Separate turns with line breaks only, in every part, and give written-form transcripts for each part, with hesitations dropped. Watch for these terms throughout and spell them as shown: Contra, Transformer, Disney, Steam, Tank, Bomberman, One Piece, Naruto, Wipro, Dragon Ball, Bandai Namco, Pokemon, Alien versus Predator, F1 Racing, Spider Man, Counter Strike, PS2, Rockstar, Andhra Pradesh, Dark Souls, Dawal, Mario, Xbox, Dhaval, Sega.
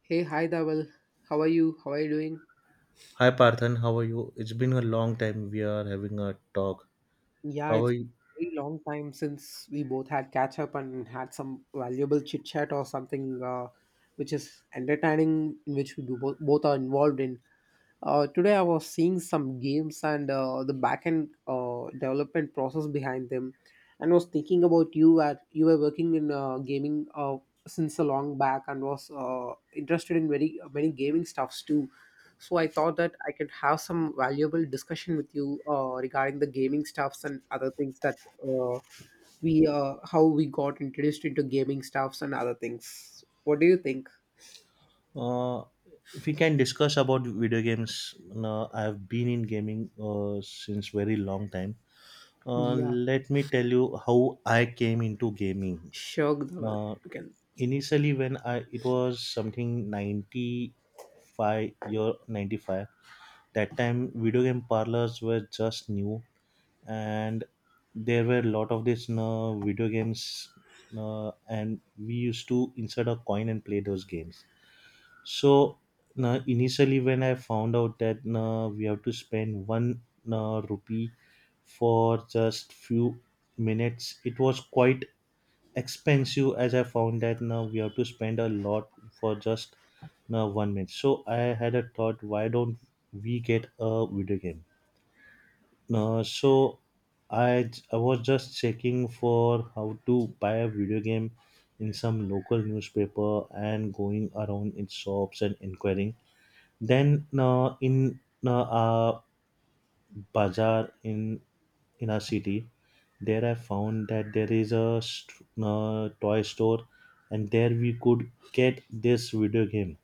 Hey, hi, Dawal. How are you? How are you doing?
Hi Parthan, how are you? It's been a long time we are having a talk.
Yeah,
How are
it's
you?
very long time since we both had catch up and had some valuable chit chat or something which is entertaining, in which we do both are involved in. Today I was seeing some games and the backend development process behind them, and was thinking about you. At you were working in gaming since a long back, and was interested in very many gaming stuffs too. So I thought that I could have some valuable discussion with you regarding the gaming stuffs and other things that we how we got introduced into gaming stuffs and other things. What do you think?
Uh, if we can discuss about video games, now I've been in gaming since very long time.
Yeah.
Let me tell you how I came into gaming.
Sure, Dhaval,
Uh,
you can.
Initially, when I it was something 95, year 95. That time, video game parlors were just new, and there were a lot of this video games, and we used to insert a coin and play those games. So initially, when I found out that we have to spend one rupee for just few minutes, it was quite expensive. As I found that now we have to spend a lot for just now 1 minute, so I had a thought, why don't we get a video game? So I was just checking for how to buy a video game in some local newspaper and going around its shops and inquiring. Then in a bazaar, in a city, there I found that there is a toy store, and there we could get this video game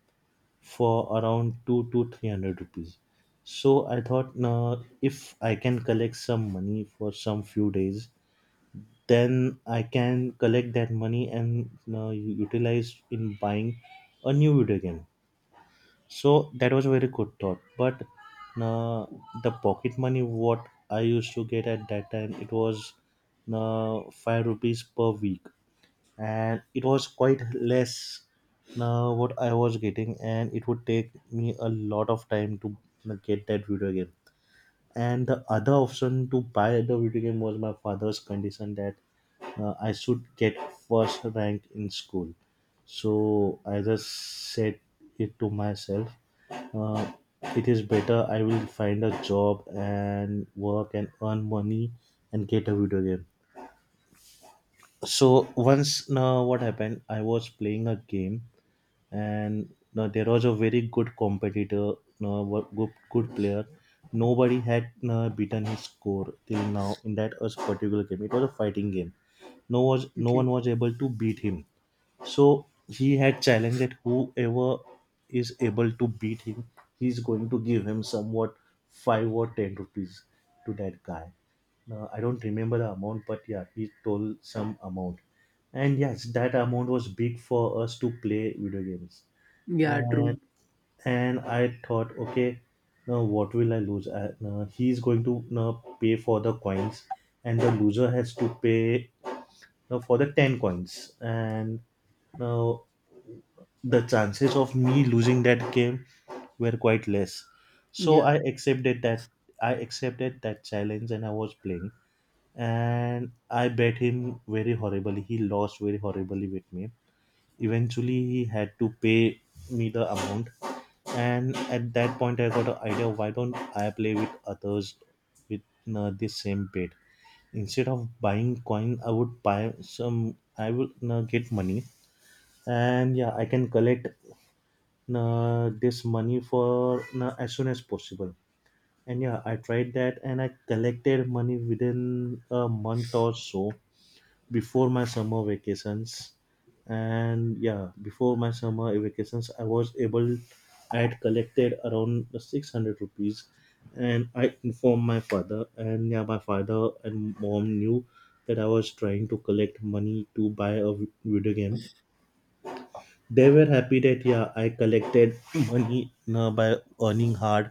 for around two to three hundred rupees. So I thought, nah, if I can collect some money for some few days, then I can collect that money and utilize in buying a new video game. So that was a very good thought. But uh, the pocket money what I used to get at that time, it was five rupees per week, and it was quite less now what I was getting, and it would take me a lot of time to get that video game. And the other option to buy the video game was my father's condition that I should get first rank in school. So I just said it to myself. Uh, it is better I will find a job and work and earn money and get a video game. So once, now what happened, I was playing a game, and now there was a very good competitor, good player. Nobody had now beaten his score till now in that us particular game. It was a fighting game. No one
Okay.
was able to beat him. So he had challenged that whoever is able to beat him, he's going to give him somewhat 5 or 10 rupees to that guy. Uh, I don't remember the amount, but yeah, he told some amount. And yes, that amount was big for us to play video games.
Yeah, true.
And and I thought, okay, now what will I lose? Now he's going to now pay for the coins, and the loser has to pay now for the ten coins. And now the chances of me losing that game were quite less. So
Yeah.
I accepted that. I accepted that challenge, and I was playing, and I bet him very horribly. He lost very horribly with me. Eventually, he had to pay me the amount, and at that point, I got an idea. Why don't I play with others with the same bet? Instead of buying coin, I would buy some. I would get money, and yeah, I can collect this money for as soon as possible. And yeah, I tried that, and I collected money within a month or so, before my summer vacations. I was able. I had collected around 600 rupees, and I informed my father. And yeah, my father and mom knew that I was trying to collect money to buy a video game. They were happy that yeah, I collected money, by earning hard,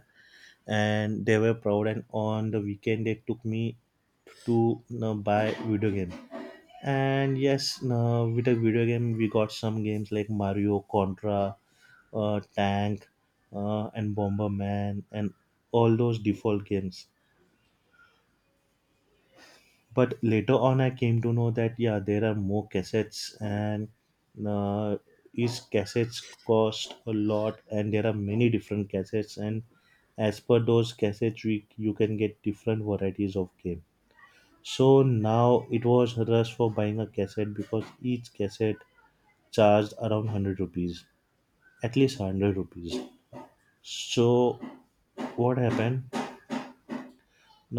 and they were proud. And on the weekend, they took me to, buy video game. And yes, now with a video game, we got some games like Mario, Contra, Tank, and Bomberman, and all those default games. But later on, I came to know that yeah, there are more cassettes, and uh, each cassettes cost a lot, and there are many different cassettes, and as per those cassettes, you can get different varieties of game. So now it was a rush for buying a cassette, because each cassette charged around 100 rupees, at least 100 rupees. So what happened,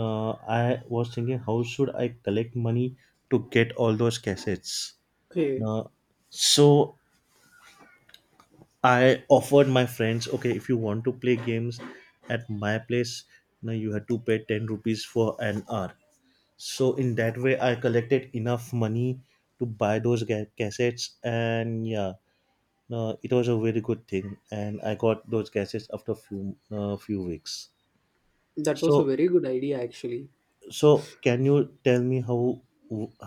uh, I was thinking, how should I collect money to get all those cassettes?
Okay,
Uh, so I offered my friends, okay, if you want to play games at my place, now you have to pay 10 rupees for an hour. So in that way, I collected enough money to buy those cassettes. And yeah, no, it was a very good thing, and I got those gases after few weeks.
that was a
So,
very good idea actually.
can you tell me how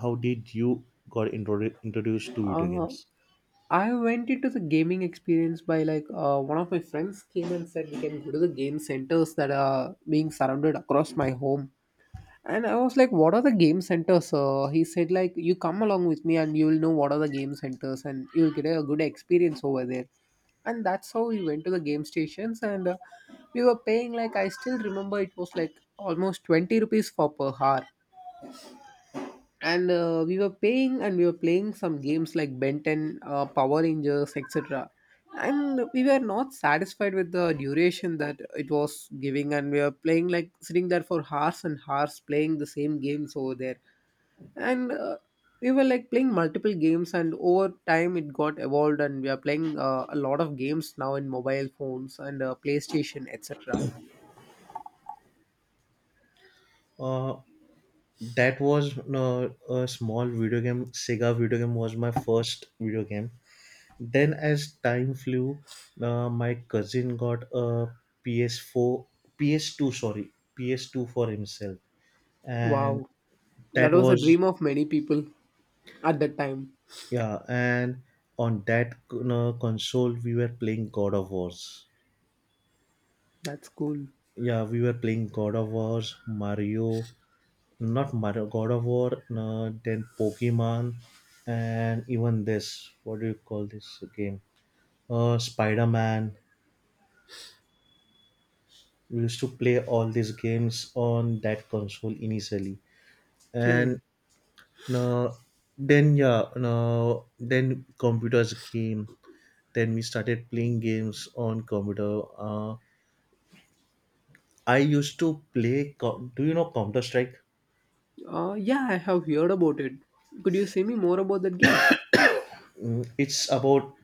how did you got introdu- introduced to video
Uh,
games?
I went into the gaming experience by like one of my friends came and said we can go to the game centers that are being surrounded across my home. And I was like, what are the game centers? He said like you come along with me and you will know what are the game centers and you will get a good experience over there. And that's how we went to the game stations and we were paying like I still remember it was like almost 20 rupees for per hour and we were paying and we were playing some games like benton power rangers etc, and we were not satisfied with the duration that it was giving and we were playing like sitting there for hours and hours playing the same games over there and we were like playing multiple games, and over time it got evolved and we are playing a lot of games now in mobile phones and playstation etc.
Uh, that was a small video game. Sega video game was my first video game. Then, as time flew, my cousin got a PS4, PS2, sorry, PS2 for himself, and
Wow, that
that
was a
was—
dream of many people at that time.
yeah. And on that console, we were playing God of Wars.
That's cool.
Yeah, we were playing God of Wars, Mario— not Mario, God of War, then Pokemon, and even this. What do you call this game? Spider Man. We used to play all these games on that console initially,
Okay.
and uh, then yeah, then computers came. Then we started playing games on computer. I used to play. Do you know Counter Strike?
Yeah, I have heard about it. Could you say me more about that game?
Mm, it's about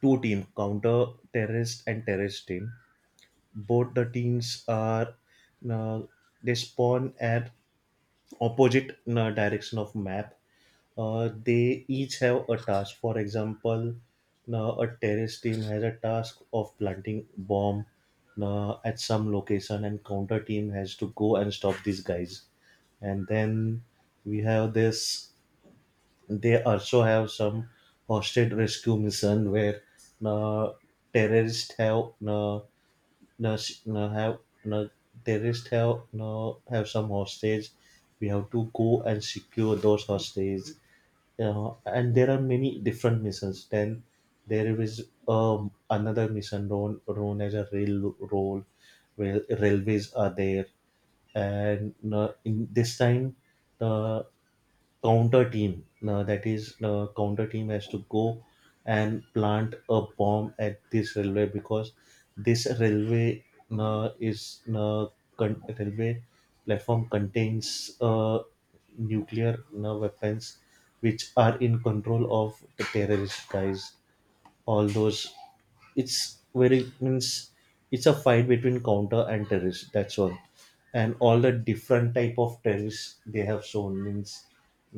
two team, counter terrorist and terrorist team. Both the teams are uh, they spawn at opposite direction of map. They each have a task. For example, a terrorist team has a task of planting bomb at some location, and counter team has to go and stop these guys. And then we have this— they also have some hostage rescue mission where uh, terrorists have s- have uh, terrorists have some hostage. We have to go and secure those hostages. And there are many different missions. Then there is another mission known as a rail role, where railways are there, and in this time, the counter team now that is counter team has to go and plant a bomb at this railway, because this railway uh, is uh, railway platform contains nuclear weapons, which are in control of the terrorist guys. All those, it's very, means, it's a fight between counter and terrorists, that's all. And all the different type of terrorists they have shown, means,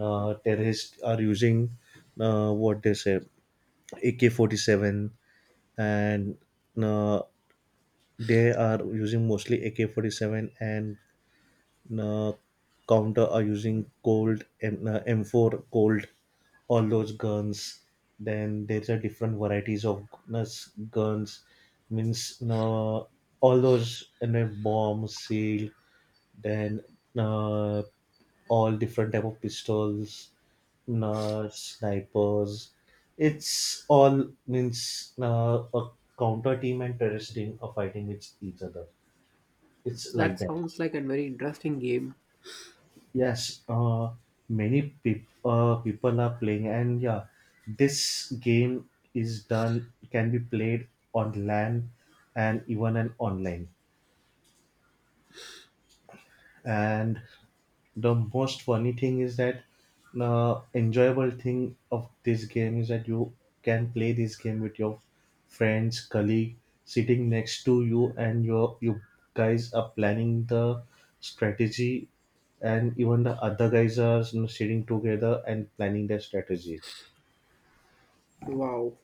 terrorists are using, what they say, ak-47, and uh, they are using mostly ak-47, and uh, counter are using cold M, M4 cold, all those guns. Then there's a different varieties of uh, guns, means, all those, and bomb seal, then uh, all different type of pistols, snipers. It's all, means, a counter team and terrorist team are fighting with each other, it's
That
like that.
sounds like a very interesting game.
Yes, many people are playing, and yeah, this game is done, can be played on LAN and even an online. And the most funny thing is that the enjoyable thing of this game is that you can play this game with your friends, colleague sitting next to you, and you guys are planning the strategy, and even the other guys are, sitting together and planning their strategy.
Wow.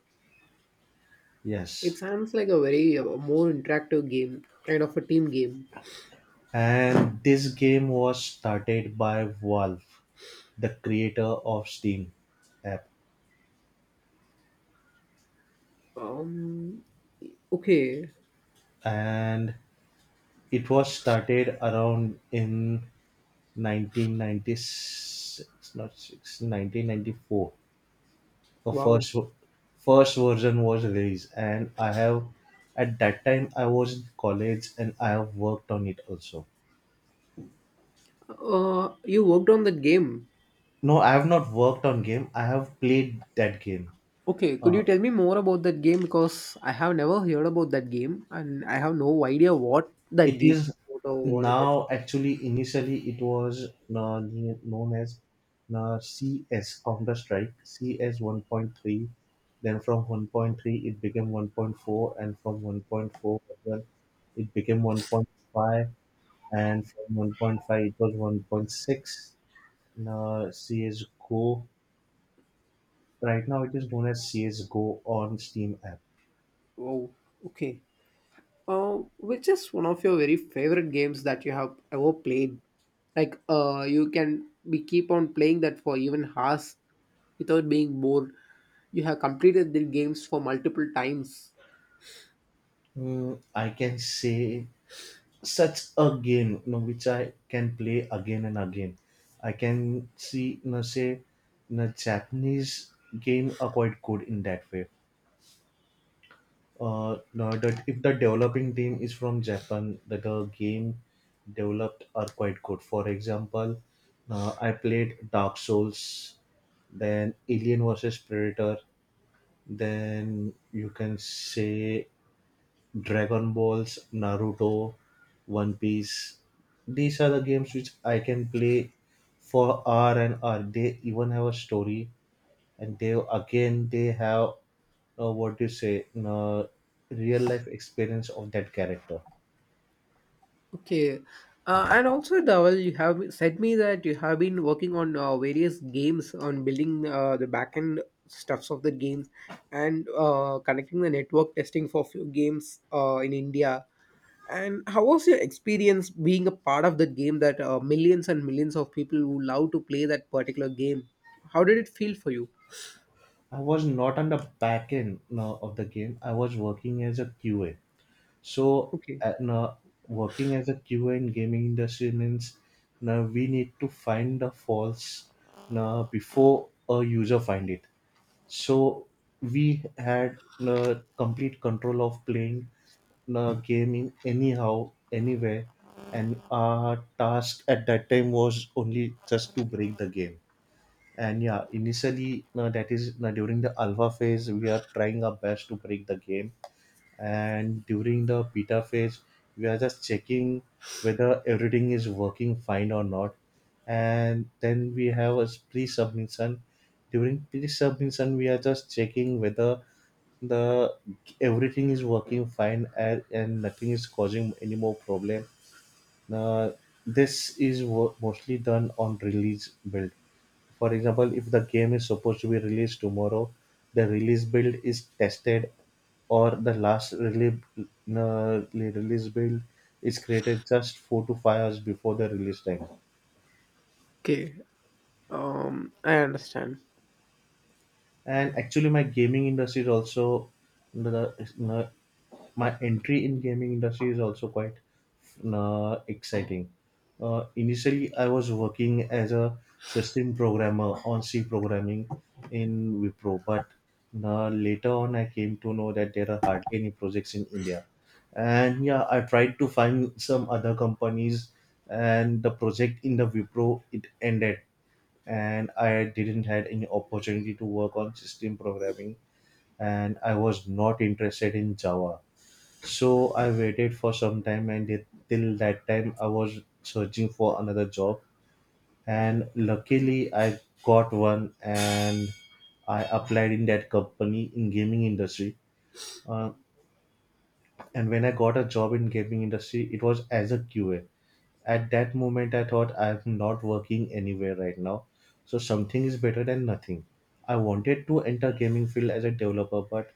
It
Yes,
sounds like a very more interactive game, kind of a team game.
and this game was started by Valve, the creator of Steam app,
Um, okay.
and it was started around in 1996, not six, 1994. The
Wow.
first version was released, and I have— at that time I was in college, and I have worked on it also.
You worked on that game.
No, I have not worked on game. I have played that game.
Okay, could you
Uh,
tell me more about that game? Because I have never heard about that game and I have no idea what that
it
game
is,
is about or what it is.
now actually initially it was known as cs counter strike cs 1.3. Then from 1.3 it became 1.4, and from 1.4 as well it became 1.5, and from 1.5 it was 1.6. Uh, csgo, right now it is known as csgo on steam app.
Wow. Okay. Which is one of your very favorite games that you have ever played? Like, you can be keep on playing that for even hours without being bored. You have completed the games for multiple times.
Mm, I can say such a game, which I can play again and again. I can see, say, Japanese game are quite good in that way. No, that if the developing team is from Japan, that the game developed are quite good. For example, I played Dark Souls, then Alien versus Predator, then you can say Dragon Balls, Naruto, One Piece. These are the games which I can play for hour and hour. They even have a story, and they have, what do you say, real life experience of that character.
Okay. And also, Dawal, you have said me that you have been working on various games on building the backend stuffs of the games and connecting the network testing for few games in India. And how was your experience being a part of the game that millions and millions of people who love to play that particular game? How did it feel for you?
I was not on the back end of the game. I was working as a QA. So,
Okay.
uh, now, working as a QA in gaming industry means now we need to find the faults now before a user find it. So we had complete control of playing gaming anyhow, anywhere, and our task at that time was only just to break the game. And yeah, initially, that is during the alpha phase, we are trying our best to break the game, and during the beta phase we are just checking whether everything is working fine or not. And then we have a pre-submission. During pre-submission we are just checking whether the everything is working fine and nothing is causing any more problem. Now this is mostly done on release build. For example, if the game is supposed to be released tomorrow, the release build is tested, or the last release build is created just 4 to 5 hours before the release time.
Okay. I understand.
And actually my gaming industry is also the the- my entry in gaming industry is also quite exciting. Initially, I was working as a system programmer on C programming in Wipro, but later on, I came to know that there are hardly any projects in India. And yeah, I tried to find some other companies, and the project in the Wipro it ended, and I didn't had any opportunity to work on system programming, and I was not interested in Java. So I waited for some time, and till that time I was searching for another job and luckily I got one, and I applied in that company in gaming industry. Uh, and when I got a job in gaming industry, it was as a QA. At that moment I thought I'm not working anywhere right now, so something is better than nothing. I wanted to enter gaming field as a developer, but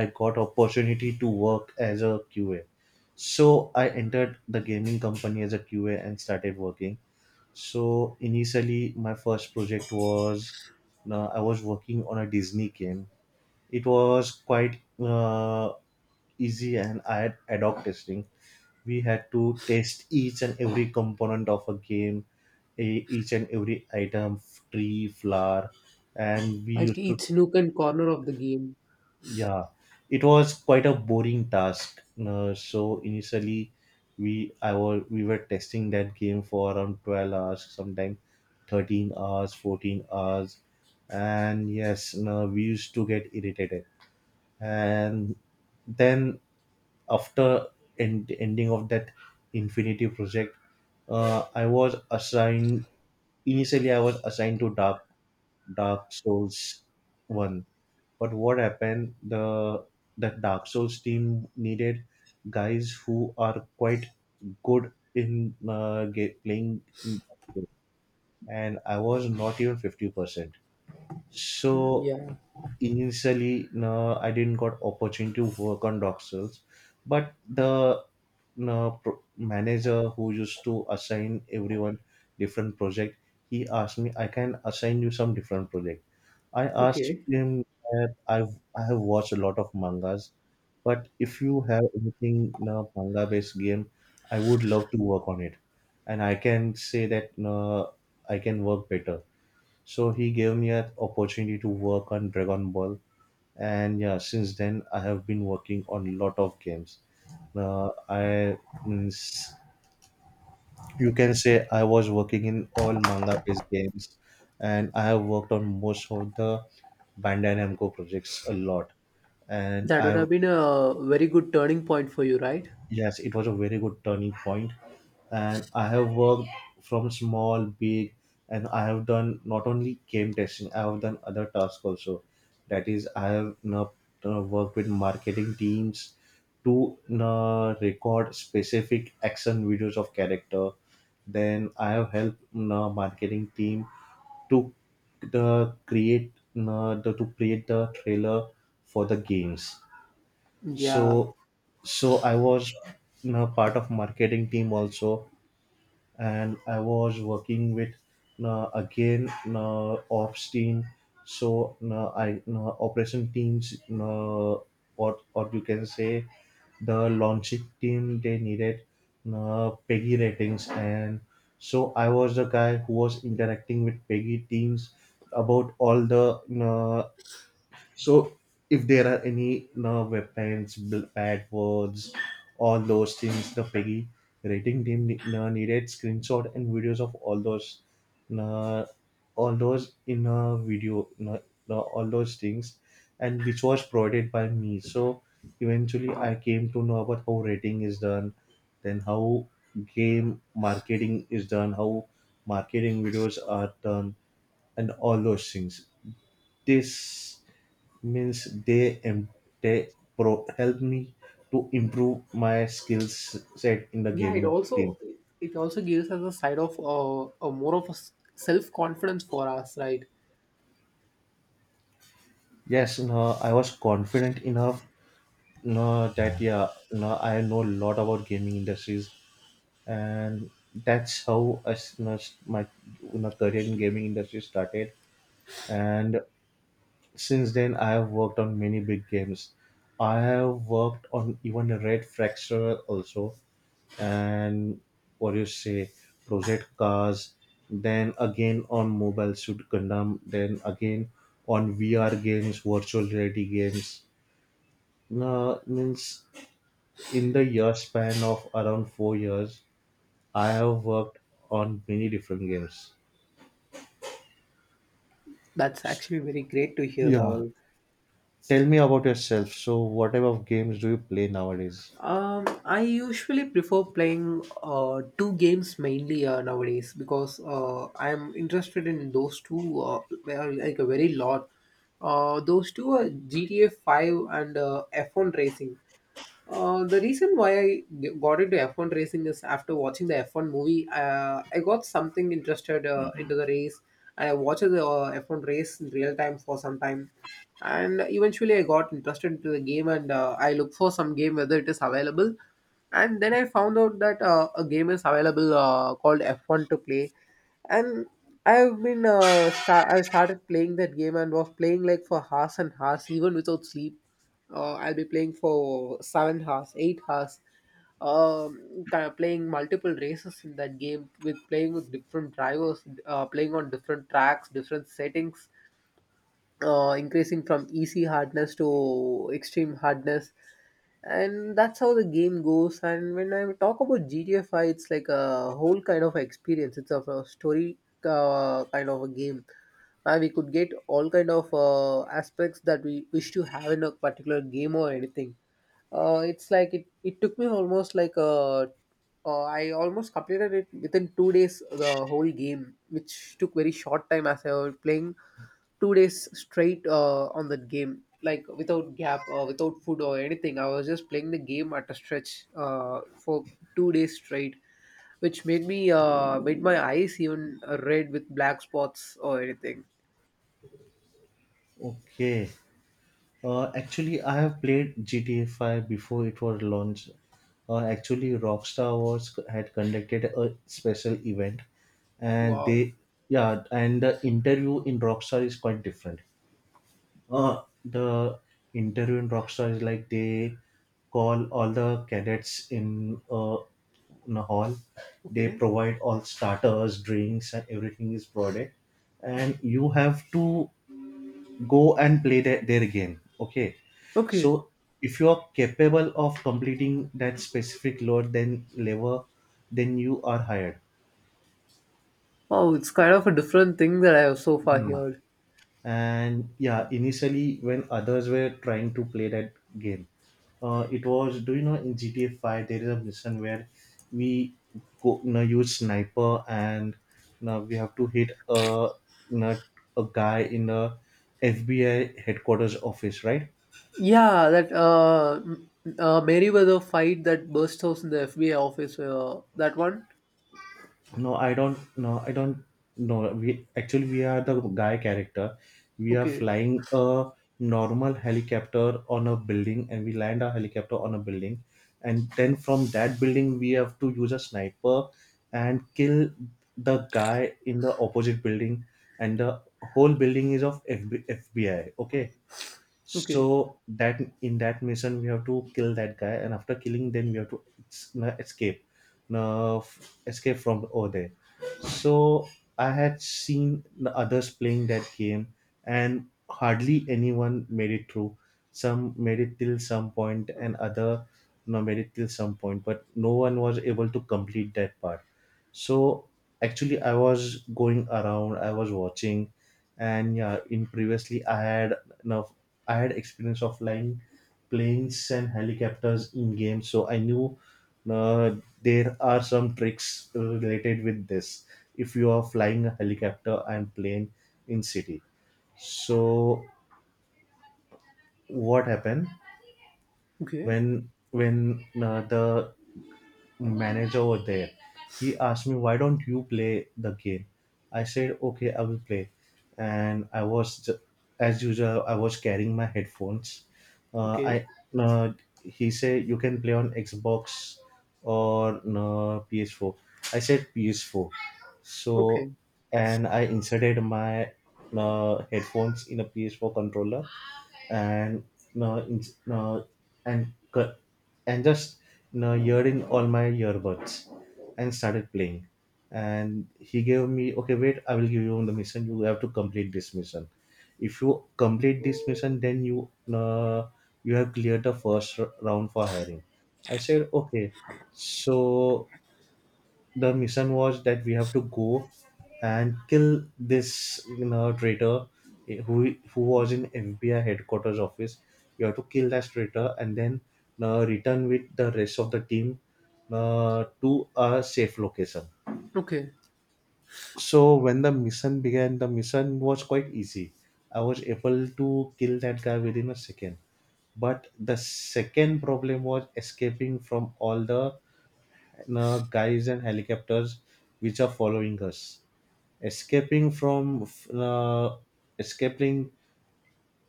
I got opportunity to work as a QA, so I entered the gaming company as a QA and started working. So initially my first project was I was working on a Disney game. It was quite easy, and I had ad hoc testing. We had to test each and every component of a game, each and every item, tree, flower. And we
Like
used to,
each nook and corner of the game.
yeah, it was quite a boring task. So initially we I was we were testing that game for around 12 hours, sometime 13 hours, 14 hours, and yes. No, we used to get irritated. And then, after ending of that infinity project, I was assigned, initially I was assigned to Dark Souls 1, but what happened, the Dark Souls team needed guys who are quite good in playing that game. And I was not even 50%. So
Yeah.
initially, no, I didn't got opportunity to work on doc cells, but the, no, manager who used to assign everyone different project, he asked me, I can assign you some different project. I asked
Okay.
him that I have watched a lot of mangas, but if you have anything, no, manga based game, I would love to work on it, and I can say that, no, I can work better. So he gave me an opportunity to work on Dragon Ball, and yeah, since then I have been working on lot of games. Uh, I means you can say I was working in all manga based games, and I have worked on most of the Bandai Namco projects a lot. And
That
I,
would have been a very good turning point for you, right?
yes, it was a very good turning point, and I have worked from small, big, and I have done not only game testing. I have done other tasks also. That is, I have now worked with marketing teams to record specific action videos of character. Then I have helped marketing team to the create to create the trailer for the games.
Yeah,
So, so I was, you know, part of marketing team also, and I was working with, you know, again, you know, ops team. So, you know, I, you know, operation teams, you know, or you can say the launching team, they needed, you know, Peggy ratings. And so I was the guy who was interacting with Peggy teams about all the, you know, so if there are any, no, weapons, bad words, all those things, the Peggy rating team, no, needed screenshot and videos of all those, no, all those in a video, no, no, all those things, and which was provided by me. So eventually, I came to know about how rating is done, then how game marketing is done, how marketing videos are done, and all those things. This means they and they pro- help me to improve my skills set in the
yeah.
gaming team.
It also gives us a side of a more of a self confidence for us, right?
Yes, no, I was confident enough, no, that yeah, no, I know a lot about gaming industries. And that's how I, s- no, s- my, you know, career in gaming industry started. And since then I have worked on many big games. I have worked on even Red Fracture also, and what you say, Project Cars, then again on Mobile Suit Gundam, then again on VR games, virtual reality games. No, means in the year span of around 4 years, I have worked on many different games.
That's actually very great to hear,
Yeah.
Dhaval.
Tell me about yourself. So what type of games do you play nowadays?
I usually prefer playing two games mainly nowadays because I'm interested in those two well, like a very lot. Those two are GTA 5 and F1 Racing. The reason why I got into F1 racing is after watching the F1 movie, I got something interested into the race. And I watched the F1 race in real time for some time, and eventually I got interested into the game and I looked for some game whether it is available. And then I found out that a game is available called F1 to play. And I started playing that game and was playing like for hours and hours even without sleep. I'll be playing for 7 hours 8 hours. Um, kind of playing multiple races in that game with playing with different drivers, playing on different tracks, different settings, increasing from easy hardness to extreme hardness. And that's how the game goes. And when I talk about gta 5, it's like a whole kind of experience. It's of a story, kind of a game. And we could get all kind of aspects that we wish to have in a particular game or anything. It took me almost like a, I almost completed it within 2 days the whole game, which took very short time as I was playing 2 days straight on that game, like without gap or without food or anything. I was just playing the game at a stretch for 2 days straight, which made me made my eyes even red with black spots or anything.
Okay. Actually, I have played GTA 5 before it was launched. Actually, Rockstar was had conducted a special event, and they,
Wow.
yeah, and the interview in Rockstar is quite different. The interview in Rockstar is like they call all the cadets in a hall. They
Okay.
provide all starters, drinks, and everything is provided. And you have to go and play that their game. Okay,
Okay.
so if you are capable of completing that specific load, then lever, then you are hired.
Wow, it's kind of a different thing that I have so far
Mm.
heard.
And yeah, initially when others were trying to play that game, it was, do you know, in GTA 5 there is a mission where we go, you know, use sniper and, you know, we have to hit a, you know, a guy in a FBI headquarters office, right?
Yeah, that Merryweather fight that burst out in the FBI office. That one.
No, I don't. No, I don't. No, we actually, we are the guy character. We are
Okay.
flying a normal helicopter on a building, and we land our helicopter on a building, and then from that building we have to use a sniper and kill the guy in the opposite building, and the whole building is of FBFBI. Okay,
Okay.
so that in that mission we have to kill that guy, and after killing, then we have to escape, escape from over there. So I had seen the others playing that game, and hardly anyone made it through. Some made it till some point, and other, no, made it till some point, but no one was able to complete that part. So actually, I was going around, I was watching, and yeah, in previously I had enough, I had experience of flying planes and helicopters in games, so I knew uh, there are some tricks related with this. If you are flying a helicopter and plane in city, so what happened
Okay.
when the manager over there, he asked me, "Why don't you play the game?" I said, "Okay, I will play." And I was, as usual, I was carrying my headphones.
Okay.
I uh, he said, "You can play on Xbox or, no, PS4." I said PS4. So
Okay.
and I inserted my headphones in a PS4 controller and uh, in, uh, and cu- just, you know, ear in all my earbuds and started playing. And he gave me, okay, wait, I will give you the mission. You have to complete this mission. If you complete this mission, then you, uh, you have cleared the first round for hiring. I said okay. So the mission was that we have to go and kill this, you know, traitor, eh, who was in FBI headquarters office. You have to kill that traitor and then return with the rest of the team to a safe location.
Okay.
So when the mission began, the mission was quite easy. I was able to kill that guy within a second. But the second problem was escaping from all the and guys and helicopters which are following us, escaping from escaping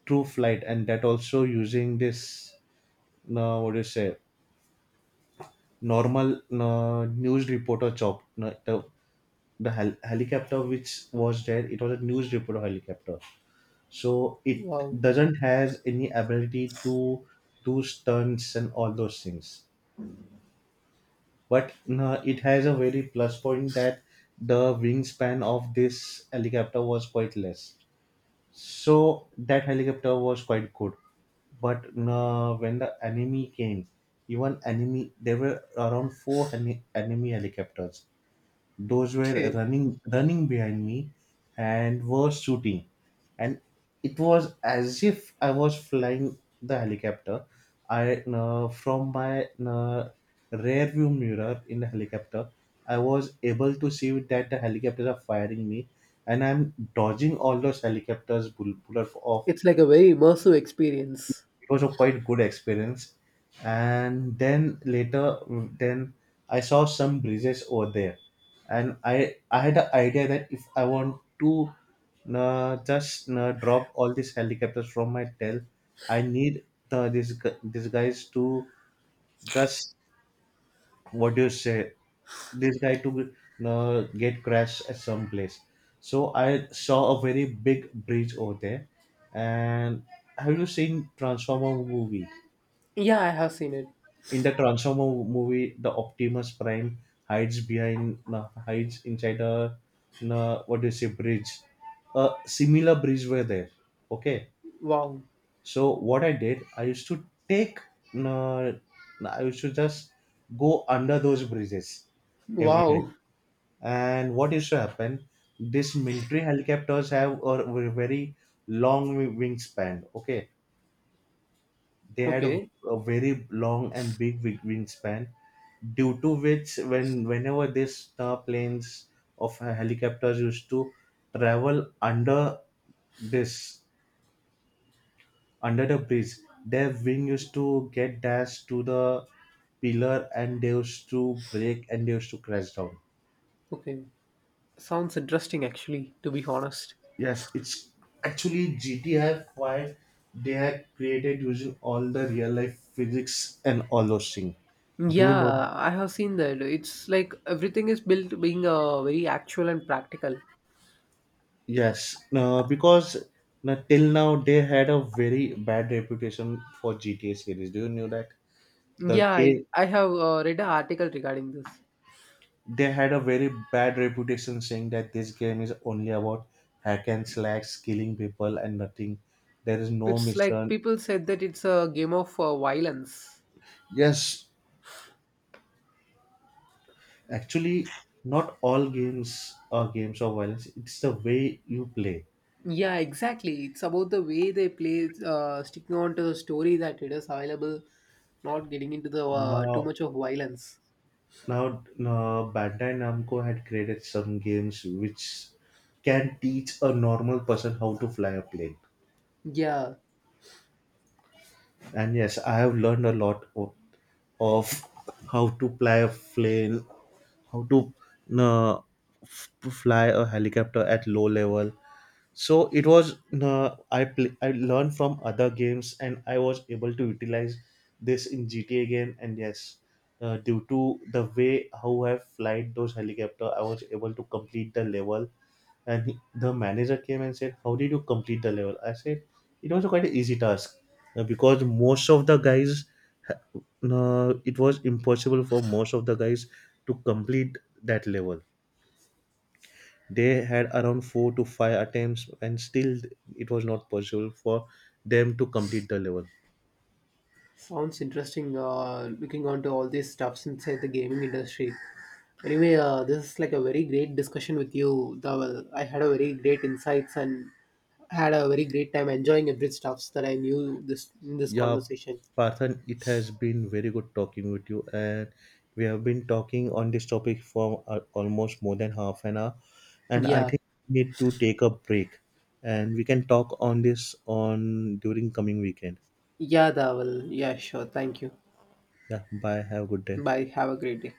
through flight, and that also using this what do you say normal news reporter chop the hel- helicopter which was there. It was a news reporter helicopter, so it
Wow.
doesn't has any ability to do stunts and all those things. But it has a very plus point that the wingspan of this helicopter was quite less, so that helicopter was quite good. But when the enemy came, even enemy, there were around four enemy helicopters. Those were
Okay.
running behind me and were shooting. And it was as if I was flying the helicopter. I, from my rear view mirror in the helicopter, I was able to see that the helicopters are firing me, and I'm dodging all those helicopters bullet of.
It's like a very immersive experience.
It was a quite good experience. And then later, then I saw some bridges over there. And I had the idea that if I want to just drop all these helicopters from my tail, I need these guys to just, what do you say, this guy to get crashed at some place. So I saw a very big bridge over there. And have you seen Transformer movie?
Yeah, I have seen it.
In the Transformer movie, the Optimus Prime hides behind, hides inside a, what do you say bridge. A similar bridge were there. Okay,
Wow.
so what I did, I used to take, uh, I used to just go under those bridges every night.
Wow.
And what used to happen? These military helicopters have a very long wingspan. Okay, they had
Okay.
a very long and big wingspan, due to which, whenever these star planes of helicopters used to travel this under the bridge, their wing used to get dashed to the pillar, and they used to break, and they used to crash down.
Okay. Sounds interesting, actually. To be honest.
Yes, it's actually GTI 5, they are created using all the real life physics and all those things. Do you know,
Yeah, I have seen that. It's like everything is built being very actual and practical.
yes, because now, till now they had a very bad reputation for GTA series. Do you know that? The
Yeah,
game,
I have read an article regarding this.
they had a very bad reputation saying that this game is only about hack and slash, killing people and nothing. There is no
It's like
mission.
people said that it's a game of violence.
Yes, actually, not all games are games of violence. It's the way you play.
Yeah, exactly. It's about the way they play, sticking on to the story that it is available, not getting into the too
Now,
much of violence.
Now, Bandai Namco had created some games which can teach a normal person how to fly a plane.
Yeah.
And yes, I have learned a lot of how to fly a plane, how to uh, f- fly a helicopter at low level. So it was, I learned from other games, and I was able to utilize this in GTA game. And yes, due to the way how I flight those helicopter, I was able to complete the level. And the manager came and said, how did you complete the level? I said, it was a quite an easy task. Because most of the guys ha- it was impossible for most of the guys to complete that level. They had around four to five attempts, and still it was not possible for them to complete the level.
Sounds interesting. Looking onto all these stuffs inside the gaming industry. Anyway, this is like a very great discussion with you, Dawal. I had a very great insights and had a very great time enjoying every stuffs that I knew this in this
Yeah,
conversation.
Parthan, it has been very good talking with you, and we have been talking on this topic for almost more than half an hour, and I
Yeah,
think we need to take a break, and we can talk on this on during coming weekend.
yeah, Dawal. Yeah, sure. Thank you.
Yeah, bye. Have a good day.
Bye. Have a great day.